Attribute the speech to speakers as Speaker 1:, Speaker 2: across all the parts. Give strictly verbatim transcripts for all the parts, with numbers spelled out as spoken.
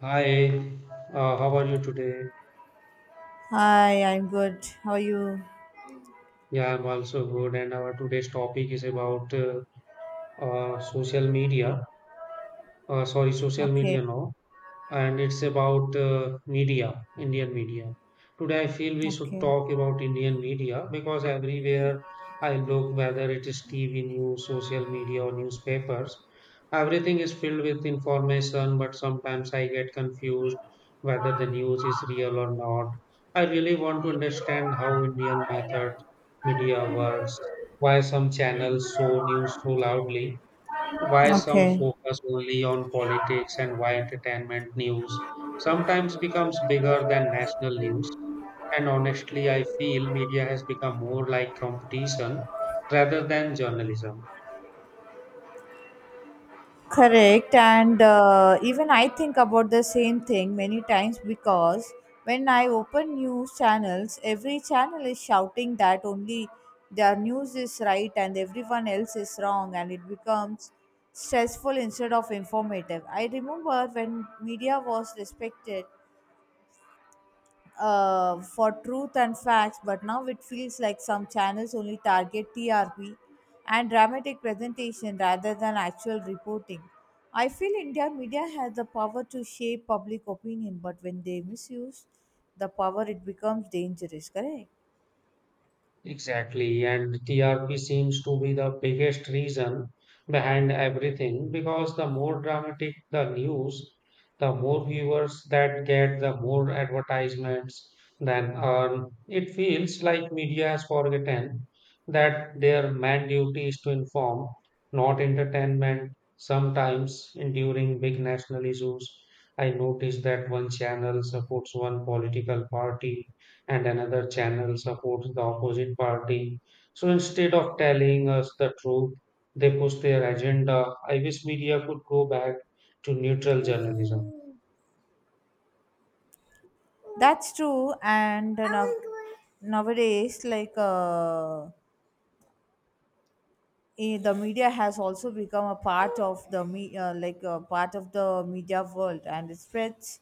Speaker 1: Hi, uh, how are you today?
Speaker 2: Hi, I'm good. How are you?
Speaker 1: Yeah, I'm also good. And our today's topic is about uh, uh, social media. Uh, sorry, social
Speaker 2: Okay,
Speaker 1: media, no. And it's about uh, media, Indian media. Today, I feel we should
Speaker 2: okay.
Speaker 1: talk about Indian media because everywhere I look, whether it is T V news, social media, or newspapers, everything is filled with information, but sometimes I get confused whether the news is real or not. I really want to understand how Indian method media works, why some channels show news so loudly, why some
Speaker 2: Okay.
Speaker 1: focus only on politics and why entertainment news sometimes becomes bigger than national news. And honestly, I feel media has become more like competition rather than journalism.
Speaker 2: Correct. And uh, even I think about the same thing many times because when I open news channels, every channel is shouting that only their news is right and everyone else is wrong, and it becomes stressful instead of informative. I remember when media was respected uh, for truth and facts, but now it feels like some channels only target T R P and dramatic presentation rather than actual reporting. I feel India media has the power to shape public opinion, but when they misuse the power, it becomes dangerous. Correct?
Speaker 1: Exactly, and T R P seems to be the biggest reason behind everything because the more dramatic the news, the more viewers that get, the more advertisements than earn. It feels like media has forgotten that their main duty is to inform, not entertainment. Sometimes in- during big national issues, I noticed that one channel supports one political party and another channel supports the opposite party. So instead of telling us the truth, they push their agenda. I wish media could go back to neutral journalism.
Speaker 2: That's true. And uh, now, nowadays, like uh, eh, the media has also become a part of the me- uh, like uh, part of the media world, and it spreads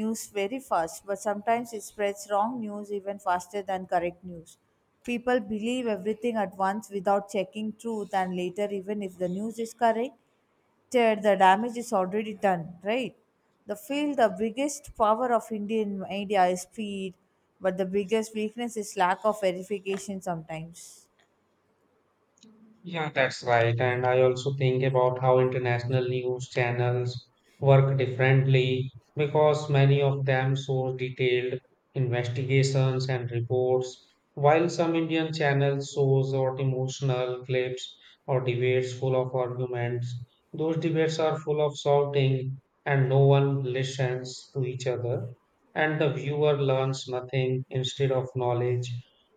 Speaker 2: news very fast, but sometimes it spreads wrong news even faster than correct news. People believe everything at once without checking truth, and later, even if the news is correct, there the damage is already done, right? The feel the biggest power of Indian media is speed, but the biggest weakness is lack of verification sometimes.
Speaker 1: Yeah, that's right. And I also think about how international news channels work differently because many of them show detailed investigations and reports, while some Indian channels show short emotional clips or debates full of arguments. Those debates are full of shouting and no one listens to each other, and the viewer learns nothing instead of knowledge.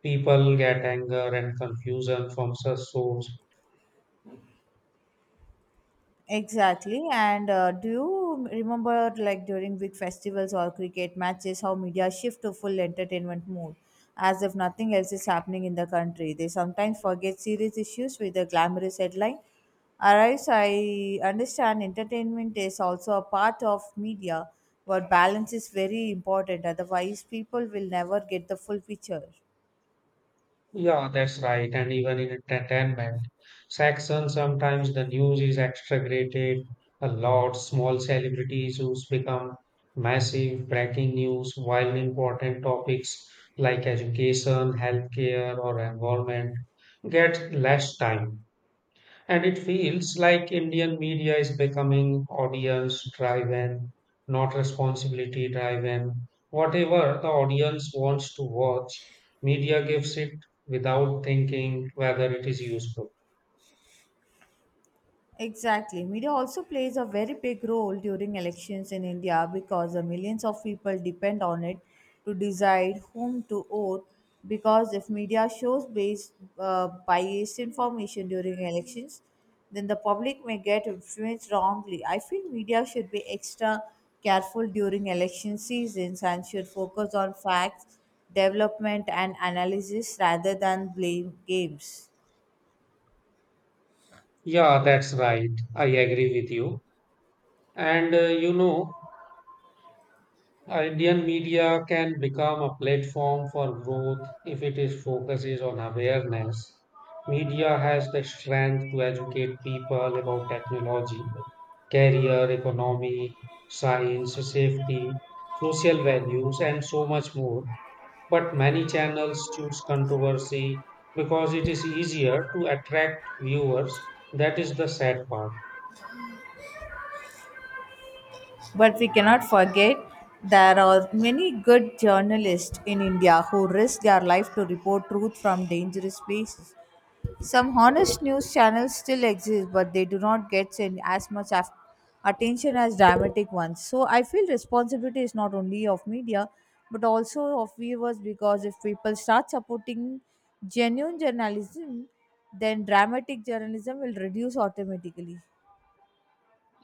Speaker 1: People get anger and confusion from such shows.
Speaker 2: Exactly. And uh, do you remember, like during big festivals or cricket matches, how media shift to full entertainment mode as if nothing else is happening in the country? They sometimes forget serious issues with the glamorous headline. Arrives, I understand entertainment is also a part of media, but balance is very important. Otherwise, people will never get the full picture.
Speaker 1: Yeah, that's right. And even in entertainment section, sometimes the news is exaggerated a lot. Small celebrities issues become massive breaking news, while important topics like education, healthcare, or environment get less time. And it feels like Indian media is becoming audience driven, not responsibility driven. Whatever the audience wants to watch, media gives it without thinking whether it is useful.
Speaker 2: Exactly. Media also plays a very big role during elections in India because the millions of people depend on it to decide whom to vote. Because if media shows based uh, biased information during elections, then the public may get influenced wrongly. I feel media should be extra careful during election seasons and should focus on facts, development, and analysis rather than blame games.
Speaker 1: Yeah, that's right. I agree with you. And uh, you know, Uh, Indian media can become a platform for growth if it is focuses on awareness. Media has the strength to educate people about technology, career, economy, science, safety, social values, and so much more. But many channels choose controversy because it is easier to attract viewers. That is the sad part.
Speaker 2: But we cannot forget there are many good journalists in India who risk their life to report truth from dangerous places. Some honest news channels still exist, but they do not get in as much af- attention as dramatic ones. So I feel responsibility is not only of media but also of viewers because if people start supporting genuine journalism, then dramatic journalism will reduce automatically.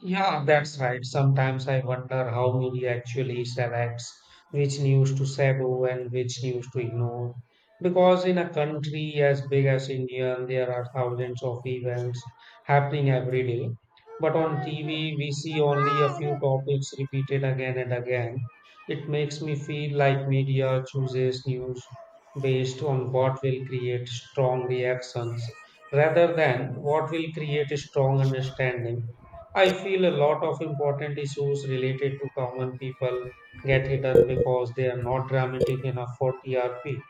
Speaker 1: Yeah, that's right. Sometimes I wonder how media actually selects which news to shadow and which news to ignore. Because in a country as big as India, there are thousands of events happening every day. But on T V, we see only a few topics repeated again and again. It makes me feel like media chooses news based on what will create strong reactions rather than what will create a strong understanding. I feel a lot of important issues related to common people get hidden because they are not dramatic enough for T R P.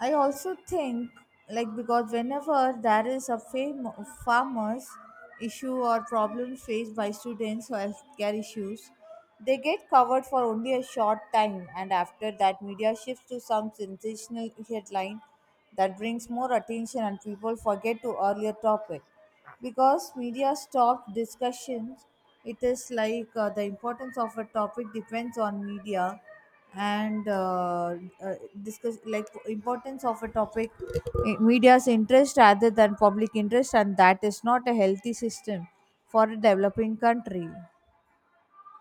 Speaker 2: I also think, like, because whenever there is a fam- farmers issue or problem faced by students or healthcare issues, they get covered for only a short time, and after that, media shifts to some sensational headline that brings more attention and people forget to earlier topic because media stopped discussions. It is like uh, the importance of a topic depends on media and uh, uh, discuss like importance of a topic, i- media's interest rather than public interest, and that is not a healthy system for a developing country.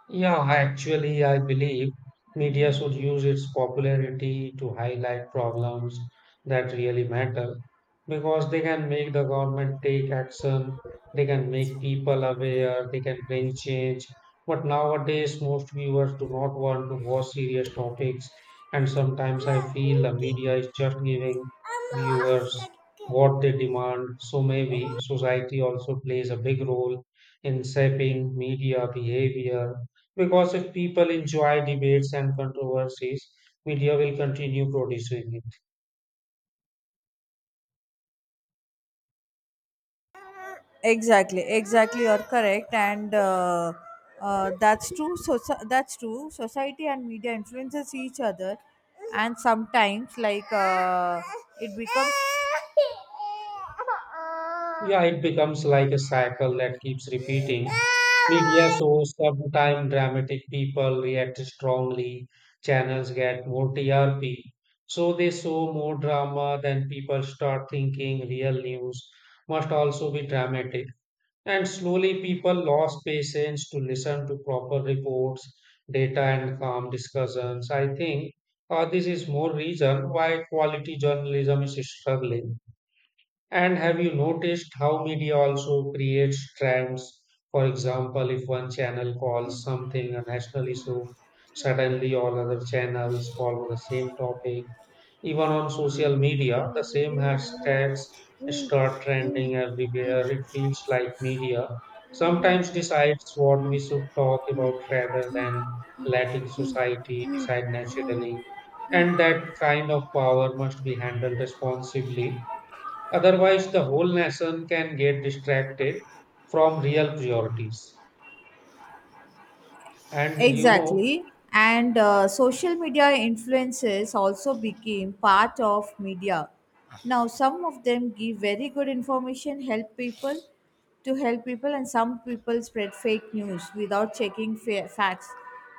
Speaker 1: Yeah, actually, I believe media should use its popularity to highlight problems that really matter because they can make the government take action, they can make people aware, they can bring change. But nowadays, most viewers do not want to watch serious topics, and sometimes I
Speaker 2: Ma,
Speaker 1: feel the
Speaker 2: okay.
Speaker 1: media is just giving
Speaker 2: I'm
Speaker 1: viewers
Speaker 2: lost.
Speaker 1: what they demand. So maybe society also plays a big role in shaping media behavior because if people enjoy debates and controversies, media will continue producing it.
Speaker 2: Exactly, exactly you're correct. And uh, uh, that's true. So that's true, society and media influences each other, and sometimes like uh, it becomes.
Speaker 1: Yeah, it becomes like a cycle that keeps repeating. Media shows sometimes dramatic people react strongly, channels get more T R P. So they show more drama, then people start thinking real news must also be dramatic. And slowly people lost patience to listen to proper reports, data, and calm discussions. I think uh, this is more reason why quality journalism is struggling. And have you noticed how media also creates trends? For example, if one channel calls something a national issue, suddenly all other channels follow the same topic. Even on social media, the same hashtags start trending everywhere. It feels like media sometimes decides what we should talk about rather than letting society decide naturally. And that kind of power must be handled responsibly. Otherwise, the whole nation can get distracted from real priorities. And you know,
Speaker 2: Exactly. And uh, social media influences also became part of media. Now, some of them give very good information, help people to help people, and some people spread fake news without checking fa- facts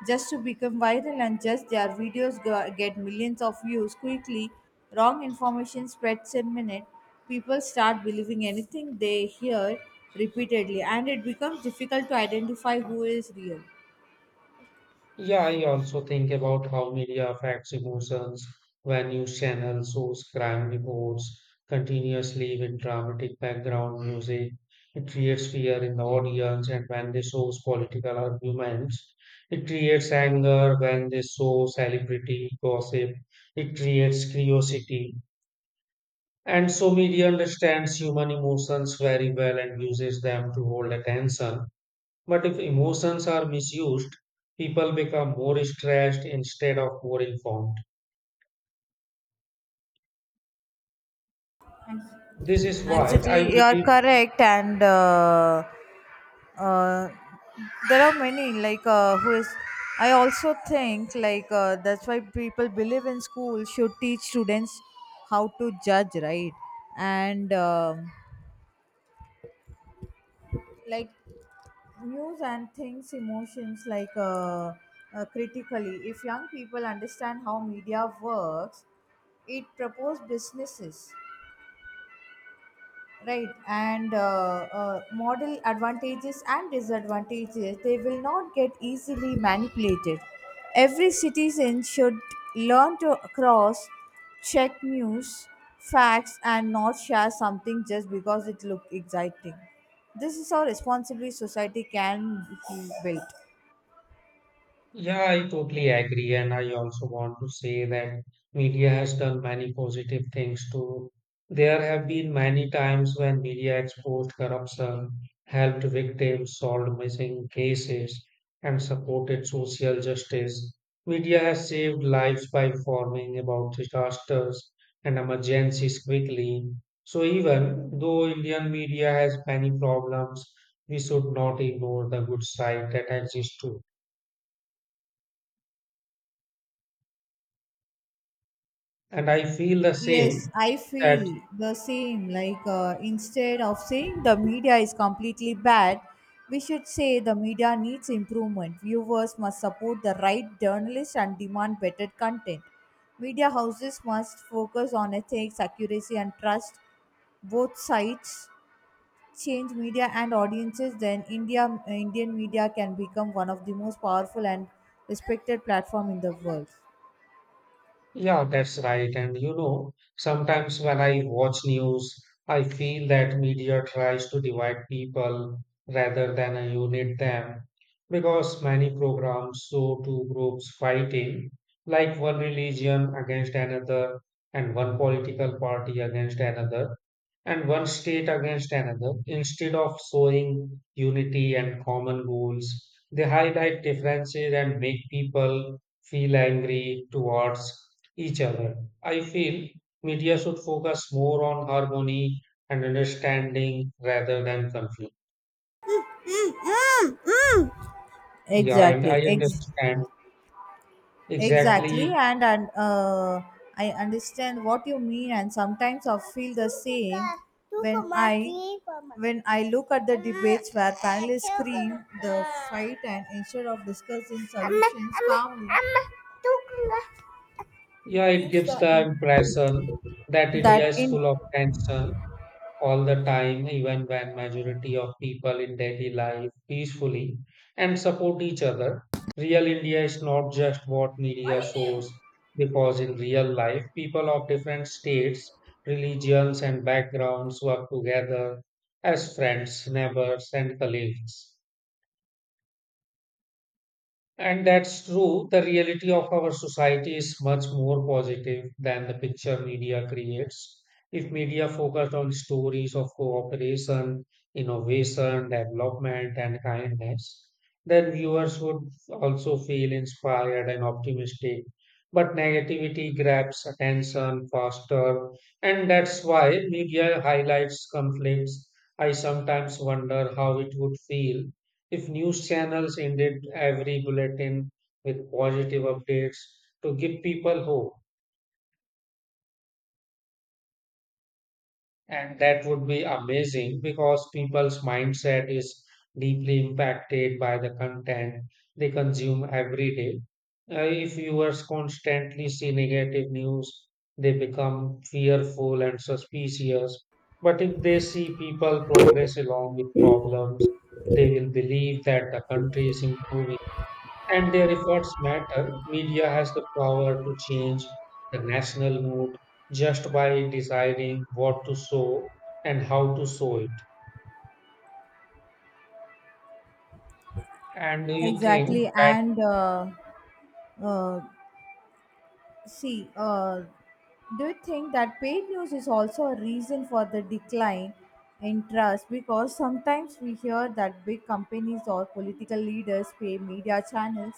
Speaker 2: just to become viral and just their videos go- get millions of views quickly. Wrong information spreads in minute. People start believing anything they hear repeatedly, and it becomes difficult to identify who is real.
Speaker 1: yeah, I also think about how media affects emotions when news channels shows crime reports continuously with dramatic background music. It creates fear in the audience, and when they shows political arguments, it creates anger. When they show celebrity gossip, it creates curiosity. And so media understands human emotions very well and uses them to hold attention. But if emotions are misused, people become more stressed instead of more informed.
Speaker 2: Thank
Speaker 1: This
Speaker 2: you.
Speaker 1: is why
Speaker 2: Exactly,
Speaker 1: I
Speaker 2: you are
Speaker 1: believe.
Speaker 2: correct. And uh, uh, there are many like uh, who is. I also think like uh, that's why people believe in school should teach students how to judge, right? And um like news and things, emotions, like uh, uh, critically. If young people understand how media works, it propose businesses, right? And uh, uh, model advantages and disadvantages, they will not get easily manipulated. Every citizen should learn to cross check news facts and not share something just because it looked exciting. This is how responsibly society can be built.
Speaker 1: Yeah, I totally agree. And I also want to say that media has done many positive things too. There have been many times when media exposed corruption, helped victims, solved missing cases, and supported social justice. Media has saved lives by informing about disasters and emergencies quickly. So even though Indian media has many problems, we should not ignore the good side that exists too. And I feel the same
Speaker 2: Yes, I
Speaker 1: that,
Speaker 2: feel the same. Like, uh, instead of saying the media is completely bad, we should say the media needs improvement. Viewers must support the right journalists and demand better content. Media houses must focus on ethics, accuracy, and trust. Both sides change media and audiences, then India, Indian media can become one of the most powerful and respected platform in the world.
Speaker 1: yeah, that's right. And you know, sometimes when I watch news, I feel that media tries to divide people rather than uh, unite them because many programs show two groups fighting, like one religion against another and one political party against another, and one state against another. Instead of showing unity and common goals, they highlight differences and make people feel angry towards each other. I feel media should focus more on harmony and understanding rather than conflict. Yeah, and I
Speaker 2: Exactly. Ex-
Speaker 1: understand
Speaker 2: Exactly,
Speaker 1: exactly.
Speaker 2: and and uh, I understand what you mean, and sometimes I feel the same when I when I look at the debates where panelists scream the fight and instead of discussing solutions calmly, it
Speaker 1: Yeah, it
Speaker 2: gives
Speaker 1: gives
Speaker 2: the
Speaker 1: the
Speaker 2: im-
Speaker 1: impression that India
Speaker 2: that
Speaker 1: is
Speaker 2: in
Speaker 1: full of tension all the time, even when majority of people in daily life peacefully and support each other. Real India is not just what media shows, because in real life people of different states, religions and backgrounds work together as friends, neighbors and colleagues. And that's true. The reality of our society is much more positive than the picture media creates. If media focused on stories of cooperation, innovation, development, and kindness, then viewers would also feel inspired and optimistic. But negativity grabs attention faster, and that's why media highlights conflicts. I sometimes wonder how it would feel if news channels ended every bulletin with positive updates to give people hope, and that would be amazing because people's mindset is deeply impacted by the content they consume every day. Uh, if viewers constantly see negative news, they become fearful and suspicious. But if they see people progress along with problems, they will believe that the country is improving and their efforts matter. Media has the power to change the national mood just by deciding what to show and how to show it. And do you think
Speaker 2: exactly
Speaker 1: that,
Speaker 2: and uh, uh, see, uh, do you think that paid news is also a reason for the decline in trust? Because sometimes we hear that big companies or political leaders pay media channels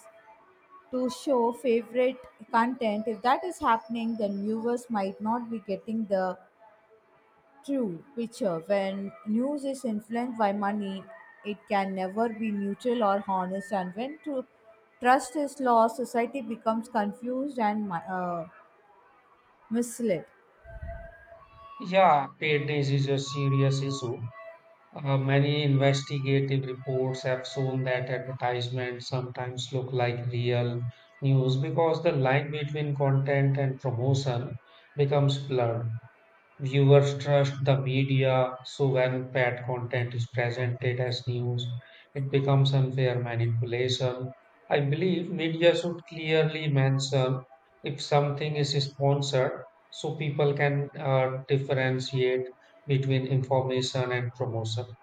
Speaker 2: to show favorite content. If that is happening, then viewers might not be getting the true picture. When news is influenced by money, it can never be neutral or honest. And when true trust is lost, society becomes confused and mi- uh, misled.
Speaker 1: yeah, paid news is a serious issue? Uh, many investigative reports have shown that advertisements sometimes look like real news because the line between content and promotion becomes blurred. Viewers trust the media, so when bad content is presented as news, it becomes unfair manipulation. I believe media should clearly mention if something is sponsored so people can uh, differentiate between information and promotion.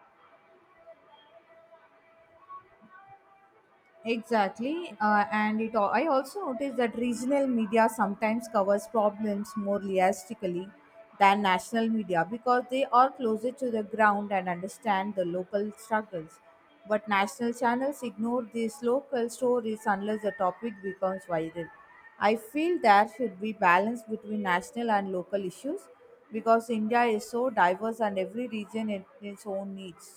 Speaker 2: Exactly, uh, and it. al- I also noticed that regional media sometimes covers problems more realistically than national media because they are closer to the ground and understand the local struggles. But national channels ignore these local stories unless the topic becomes viral. I feel there should be balance between national and local issues because India is so diverse and every region in its own needs.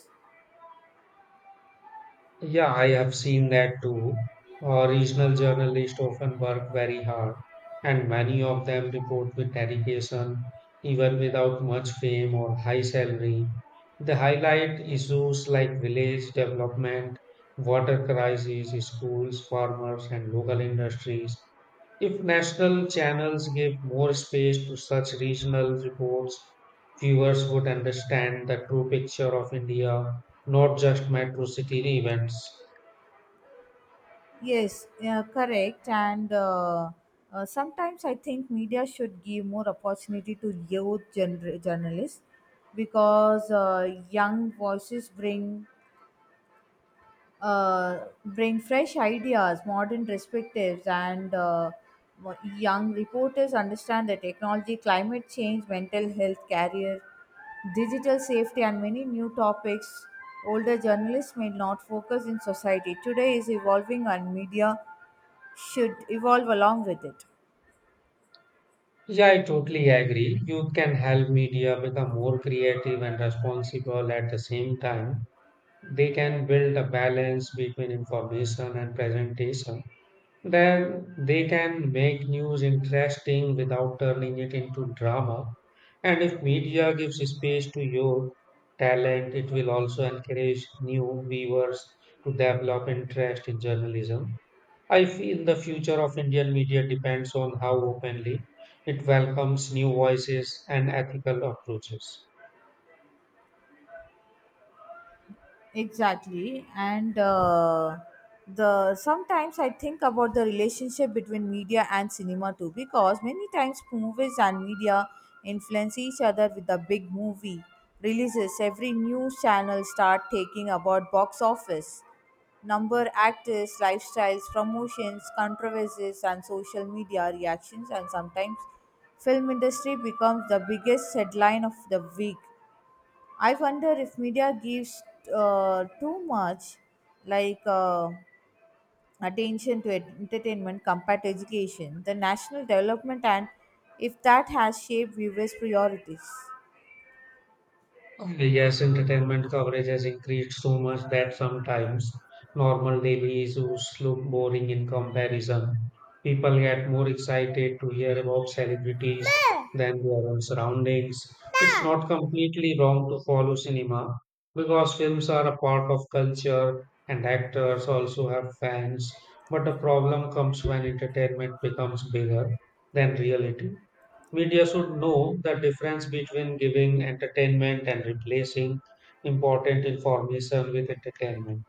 Speaker 1: Yeah, I have seen that too. Uh, regional journalists often work very hard, and many of them report with dedication, even without much fame or high salary. They highlight issues like village development, water crises, schools, farmers, and local industries. If national channels give more space to such regional reports, viewers would understand the true picture of India, not just metro city events.
Speaker 2: Yes, yeah, correct. And uh, uh, sometimes I think media should give more opportunity to youth gener- journalists because uh, young voices bring uh, bring fresh ideas, modern perspectives, and uh, mo- young reporters understand the technology, climate change, mental health, career, digital safety, and many new topics older journalists may not focus in society. Today is evolving, and media should evolve along with it.
Speaker 1: Yeah, I totally agree. Youth can help media become more creative and responsible at the same time. They can build a balance between information and presentation. Then they can make news interesting without turning it into drama. And if media gives space to youth talent, it will also encourage new viewers to develop interest in journalism. I feel the future of Indian media depends on how openly it welcomes new voices and ethical approaches.
Speaker 2: Exactly. And uh, the sometimes I think about the relationship between media and cinema too, because many times movies and media influence each other. With the big movie releases, every news channel start taking about box office number, actors lifestyles, promotions, controversies, and social media reactions, and sometimes film industry becomes the biggest headline of the week. I wonder if media gives uh, too much like uh, attention to ent- entertainment compared to education, the national development, and if that has shaped viewers' priorities.
Speaker 1: Okay. Yes, entertainment coverage has increased so much that sometimes normal daily issues look boring in comparison. People get more excited to hear about celebrities than their own surroundings. It's not completely wrong to follow cinema because films are a part of culture and actors also have fans. But the problem comes when entertainment becomes bigger than reality. Media should know the difference between giving entertainment and replacing important information with entertainment.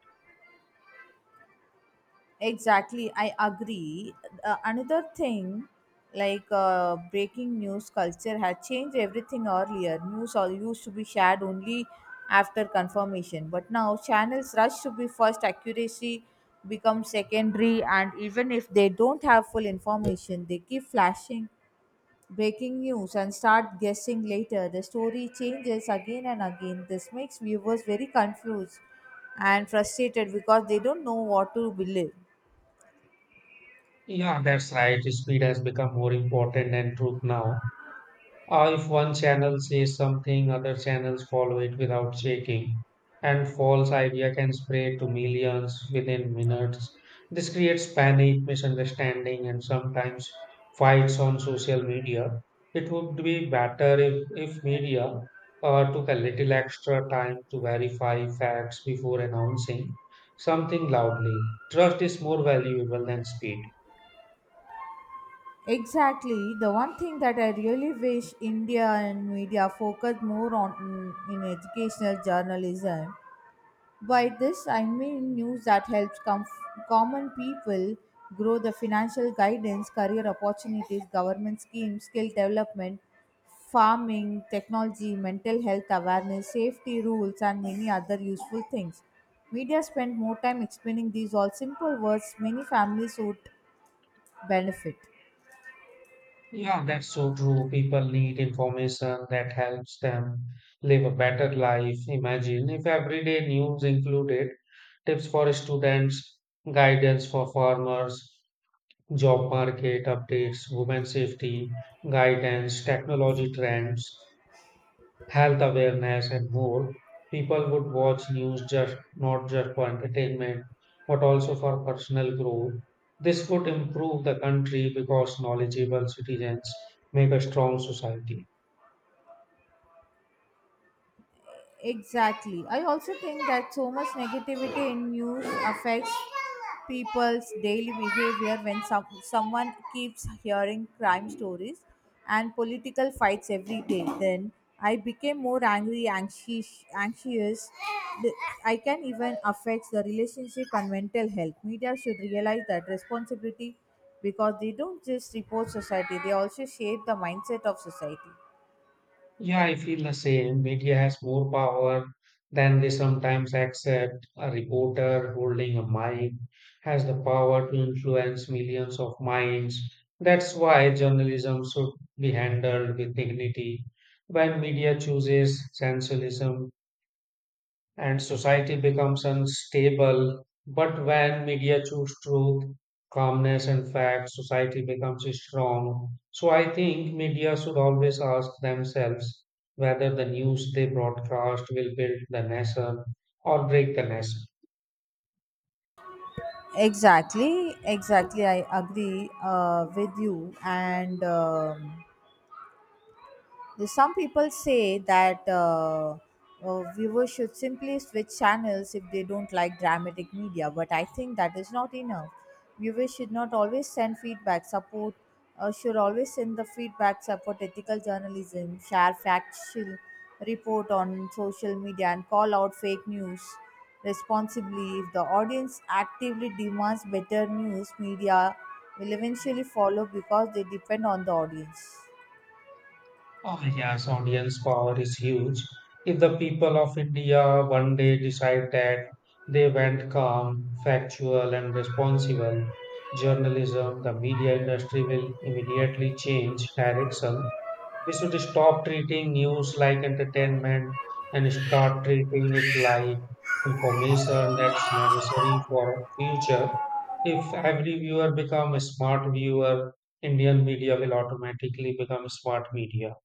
Speaker 2: Exactly, I agree. Uh, another thing, like uh, breaking news culture, had changed everything. Earlier, news all used to be shared only after confirmation, but now channels rush to be first. Accuracy becomes secondary, and even if they don't have full information, they keep flashing breaking news and start guessing later. The story changes again and again. This makes viewers very confused and frustrated because they don't know what to believe.
Speaker 1: Yeah, that's right. Speed has become more important than truth now. Uh, if one channel says something, other channels follow it without checking, and false idea can spread to millions within minutes. This creates panic, misunderstanding, and sometimes fights on social media. It would be better if, if media uh, took a little extra time to verify facts before announcing something loudly. Trust is more valuable than speed.
Speaker 2: Exactly. The one thing that I really wish India and media focused more on in, in educational journalism. By this, I mean news that helps com- common people grow the financial guidance, career opportunities, government schemes, skill development, farming, technology, mental health awareness, safety rules, and many other useful things. Media spend more time explaining these all simple words many families would benefit.
Speaker 1: Yeah, that's so true. People need information that helps them live a better life. Imagine if everyday news included tips for students, guidance for farmers, job market updates, women safety, guidance, technology trends health awareness, and more, people would watch news just not just for entertainment, but also for personal growth. This would improve the country because knowledgeable citizens make a strong society.
Speaker 2: Exactly. I also think that so much negativity in news affects people's daily behavior when some, someone keeps hearing crime stories and political fights every day. Then I became more angry, anxious, anxious. The- I can even affect the relationship and mental health. Media should realize that responsibility because they don't just report society, they also shape the mindset of society.
Speaker 1: Yeah, I feel the same. Media has more power than they sometimes accept. A reporter holding a mic has the power to influence millions of minds. That's why journalism should be handled with dignity. When media chooses sensationalism, and society becomes unstable. But when media choose truth, calmness, and facts, society becomes strong. So I think media should always ask themselves whether the news they broadcast will build the nation or break the nation.
Speaker 2: Exactly, exactly. I agree uh, with you. And um, the- Some people say that uh, uh, viewers should simply switch channels if they don't like dramatic media, but I think that is not enough. Viewers should not always send feedback. Support uh, Should always send the feedback. Support ethical journalism. Share factual report on social media and call out fake news responsibly. If the audience actively demands better news, media will eventually follow because they depend on the audience.
Speaker 1: Oh, yes, audience power is huge. If the people of India one day decide that they want calm, factual, and responsible journalism, the media industry will immediately change direction. We should stop treating news like entertainment and start treating it like information that's necessary for future. If every viewer become a smart viewer, Indian media will automatically become smart media.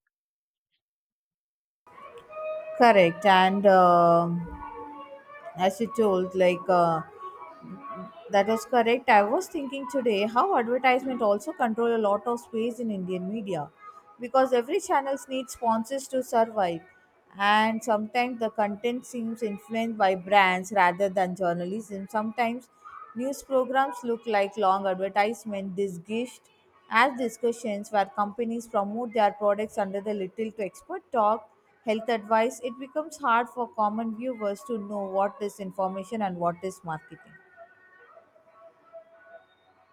Speaker 2: Correct. And um as you told, like uh, that is correct. I was thinking today how advertisement also control a lot of space in Indian media because every channels need sponsors to survive and sometimes the content seems influenced by brands rather than journalism. Sometimes news programs look like long advertisement disguised as discussions where companies promote their products under the little to expert talk, health advice. It becomes hard for common viewers to know what is information and what is marketing.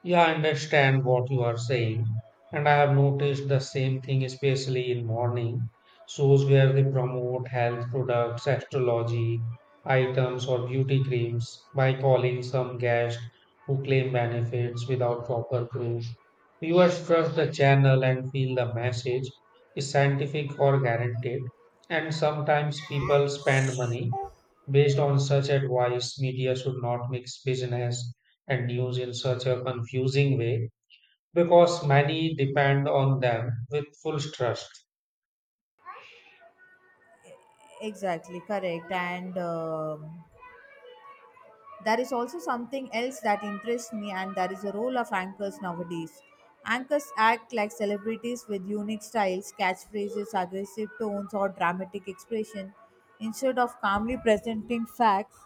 Speaker 1: Yeah, I understand what you are saying, and I have noticed the same thing, especially in morning shows where they promote health products, astrology items, or beauty creams by calling some guest who claim benefits without proper proof. Viewers trust the channel and feel the message is scientific or guaranteed, and sometimes people spend money based on such advice. Media should not mix business and news in such a confusing way because many depend on them with full trust.
Speaker 2: Exactly, correct. And um, there is also something else that interests me, and that is the role of anchors nowadays. Anchors act like celebrities with unique styles, catchphrases, aggressive tones, or dramatic expression instead of calmly presenting facts.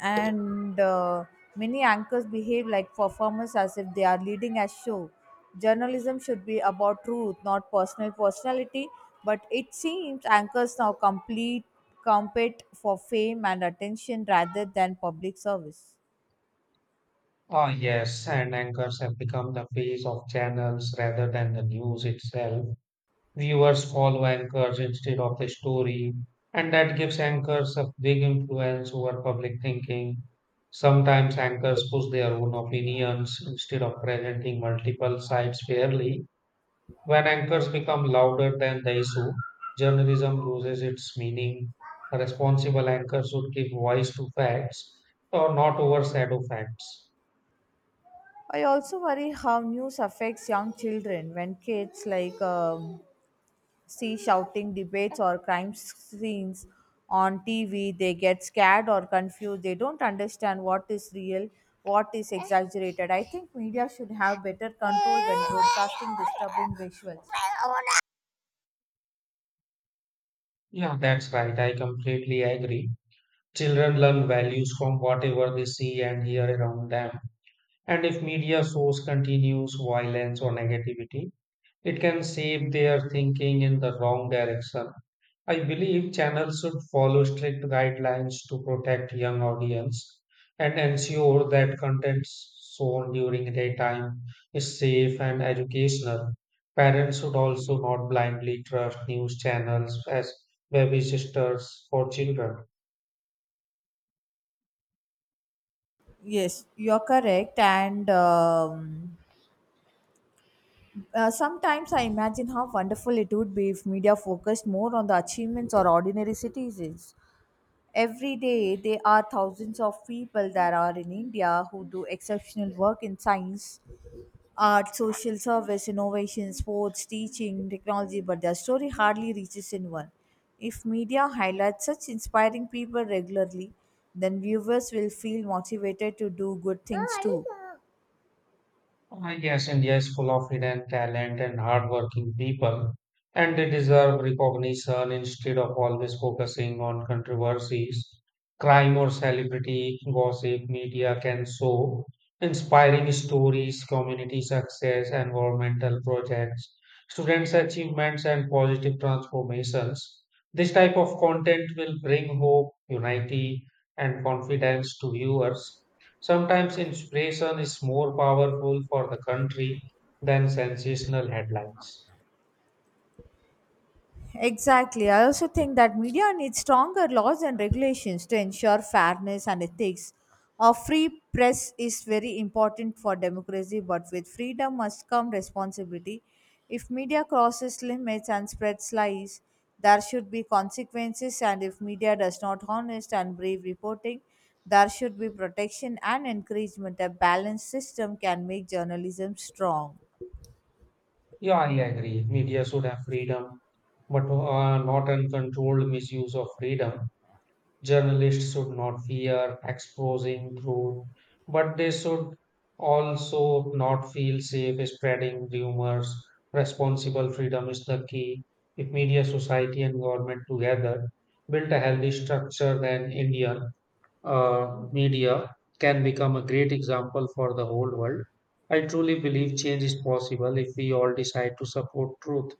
Speaker 2: And uh, many anchors behave like performers as if they are leading a show. Journalism should be about truth, not personal personality, but it seems anchors now complete compete for fame and attention rather than public service.
Speaker 1: Ah, yes, and anchors have become the face of channels rather than the news itself. Viewers follow anchors instead of the story, and that gives anchors a big influence over public thinking. Sometimes anchors push their own opinions instead of presenting multiple sides fairly. When anchors become louder than the issue, journalism loses its meaning. A responsible anchor should give voice to facts or not overshadow facts.
Speaker 2: I also worry how news affects young children when kids like um, see shouting debates or crime scenes on T V. They get scared or confused. They don't understand what is real, what is exaggerated. I think media should have better control when broadcasting disturbing visuals.
Speaker 1: Yeah, that's right. I completely agree. Children learn values from whatever they see and hear around them. And if media source continues violence or negativity, it can shape their thinking in the wrong direction. I believe channels should follow strict guidelines to protect young audience and ensure that content shown during daytime is safe and educational. Parents should also not blindly trust news channels as baby sisters for children.
Speaker 2: Yes, you're correct. And um, uh, sometimes I imagine how wonderful it would be if media focused more on the achievements or ordinary citizens. Every day, there are thousands of people that are in India who do exceptional work in science, art, social service, innovation, sports, teaching, technology, but their story hardly reaches anyone. If media highlights such inspiring people regularly, then viewers will feel motivated to do good things too.
Speaker 1: Ah, yes, India is full of hidden talent and hardworking people, and they deserve recognition instead of always focusing on controversies, crime, or celebrity gossip. Media can show inspiring stories, community success, environmental projects, students' achievements, and positive transformations. This type of content will bring hope, unity, and confidence to viewers. Sometimes inspiration is more powerful for the country than sensational headlines.
Speaker 2: Exactly. I also think that media needs stronger laws and regulations to ensure fairness and ethics. A free press is very important for democracy, but with freedom must come responsibility. If media crosses limits and spreads lies, there should be consequences, and if media does not honest and brave reporting, there should be protection and encouragement. A balanced system can make journalism strong.
Speaker 1: Yeah, I agree. Media should have freedom, but uh, not uncontrolled misuse of freedom. Journalists should not fear exposing truth, but they should also not feel safe spreading rumors. Responsible freedom is the key. If media, society, and government together built a healthy structure, then India uh, media can become a great example for the whole world. I truly believe change is possible if we all decide to support truth.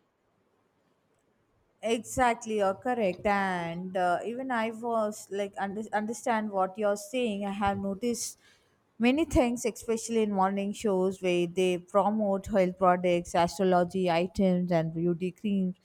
Speaker 2: Exactly, you're correct. And uh, even I was like, under, understand what you're saying. I have noticed many things, especially in morning shows where they promote health products, astrology items, and beauty creams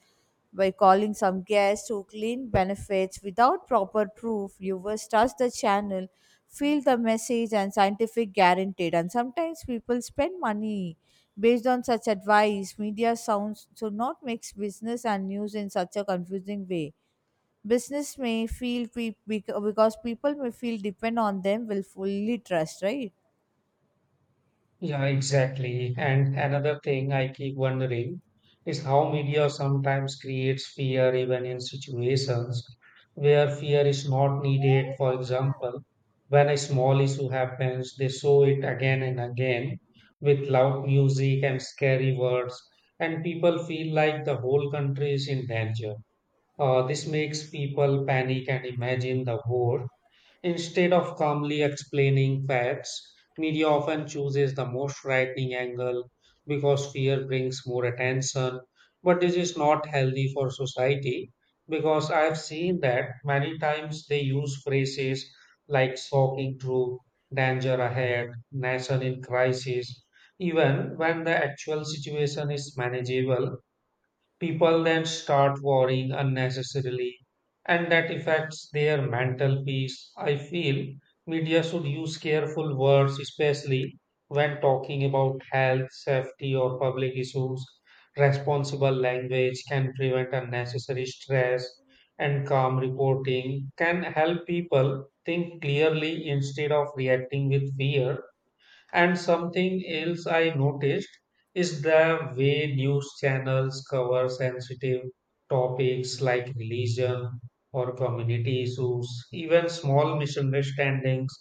Speaker 2: by calling some guests who claim benefits without proper proof. Viewers trust the channel, feel the message, and scientific guaranteed. And sometimes people spend money based on such advice. Media sounds should not mix business and news in such a confusing way. Business may feel pe- bec- because people may feel depend on them will fully trust, right?
Speaker 1: Yeah, exactly. And another thing I keep wondering is how media sometimes creates fear even in situations where fear is not needed. For example, when a small issue happens, they show it again and again with loud music and scary words, and people feel like the whole country is in danger. Uh, this makes people panic and imagine the war. Instead of calmly explaining facts, media often chooses the most frightening angle because fear brings more attention. But this is not healthy for society because I've seen that many times they use phrases like shocking truth, danger ahead, nation in crisis, even when the actual situation is manageable. People then start worrying unnecessarily, and that affects their mental peace. I feel media should use careful words, especially when talking about health, safety, or public issues. Responsible language can prevent unnecessary stress, and calm reporting can help people think clearly instead of reacting with fear. And something else I noticed is the way news channels cover sensitive topics like religion or community issues. Even small misunderstandings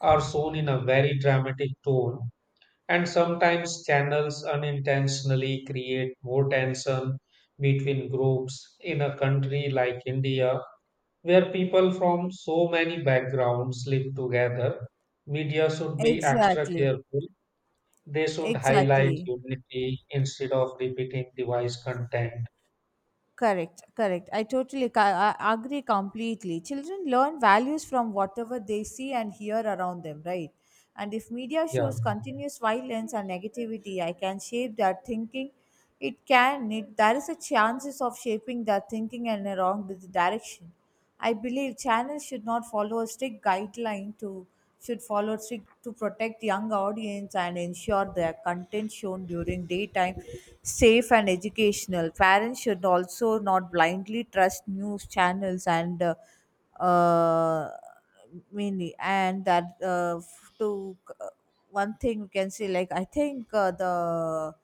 Speaker 1: are shown in a very dramatic tone. And sometimes channels unintentionally create more tension between groups in a country like India, where people from so many backgrounds live together. Media should be extra
Speaker 2: Exactly.
Speaker 1: careful, they should highlight
Speaker 2: Exactly.
Speaker 1: utility instead of repeating device content.
Speaker 2: Correct, correct. I totally ca- I agree completely. Children learn values from whatever they see and hear around them, right? And if media
Speaker 1: Yeah.
Speaker 2: shows continuous violence and negativity, I can shape their thinking. It can. It, there is a chances of shaping their thinking in a wrong di- direction. I believe channels should not follow a strict guideline to should follow strict to protect young audience and ensure their content shown during daytime safe and educational. Parents should also not blindly trust news channels and uh, uh, mainly and that uh, f- to uh, one thing we can say like I think uh, the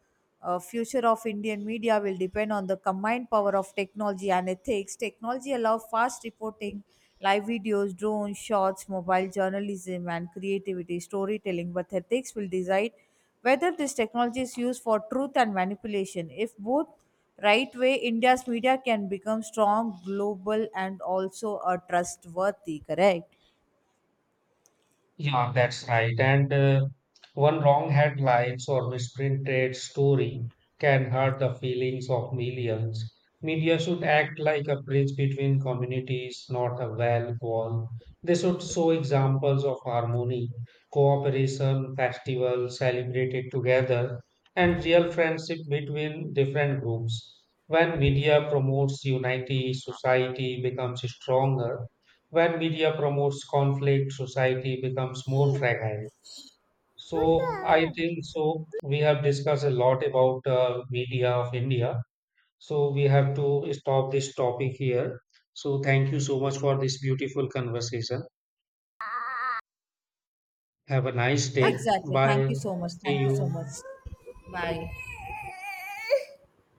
Speaker 2: uh, future of Indian media will depend on the combined power of technology and ethics. Technology allows fast reporting, live videos, drone shots, mobile journalism, and creativity, storytelling. But ethics will decide whether this technology is used for truth and manipulation. If both right way, India's media can become strong, global, and also a trustworthy. Correct.
Speaker 1: Yeah, that's right. And uh, one wrong headlines or misprinted story can hurt the feelings of millions. Media should act like a bridge between communities, not a wall wall. They should show examples of harmony, cooperation, festivals celebrated together, and real friendship between different groups. When media promotes unity, society becomes stronger. When media promotes conflict, society becomes more
Speaker 2: Hey,
Speaker 1: fragile. So I
Speaker 2: Punda.
Speaker 1: think so. We have discussed a lot about uh, media of India. So we have to stop this topic here. So thank you so much for this beautiful conversation. Have a nice day.
Speaker 2: Exactly. Thank
Speaker 1: Bye.
Speaker 2: you so much.
Speaker 1: See
Speaker 2: Thank you so much.
Speaker 1: you.
Speaker 2: Bye.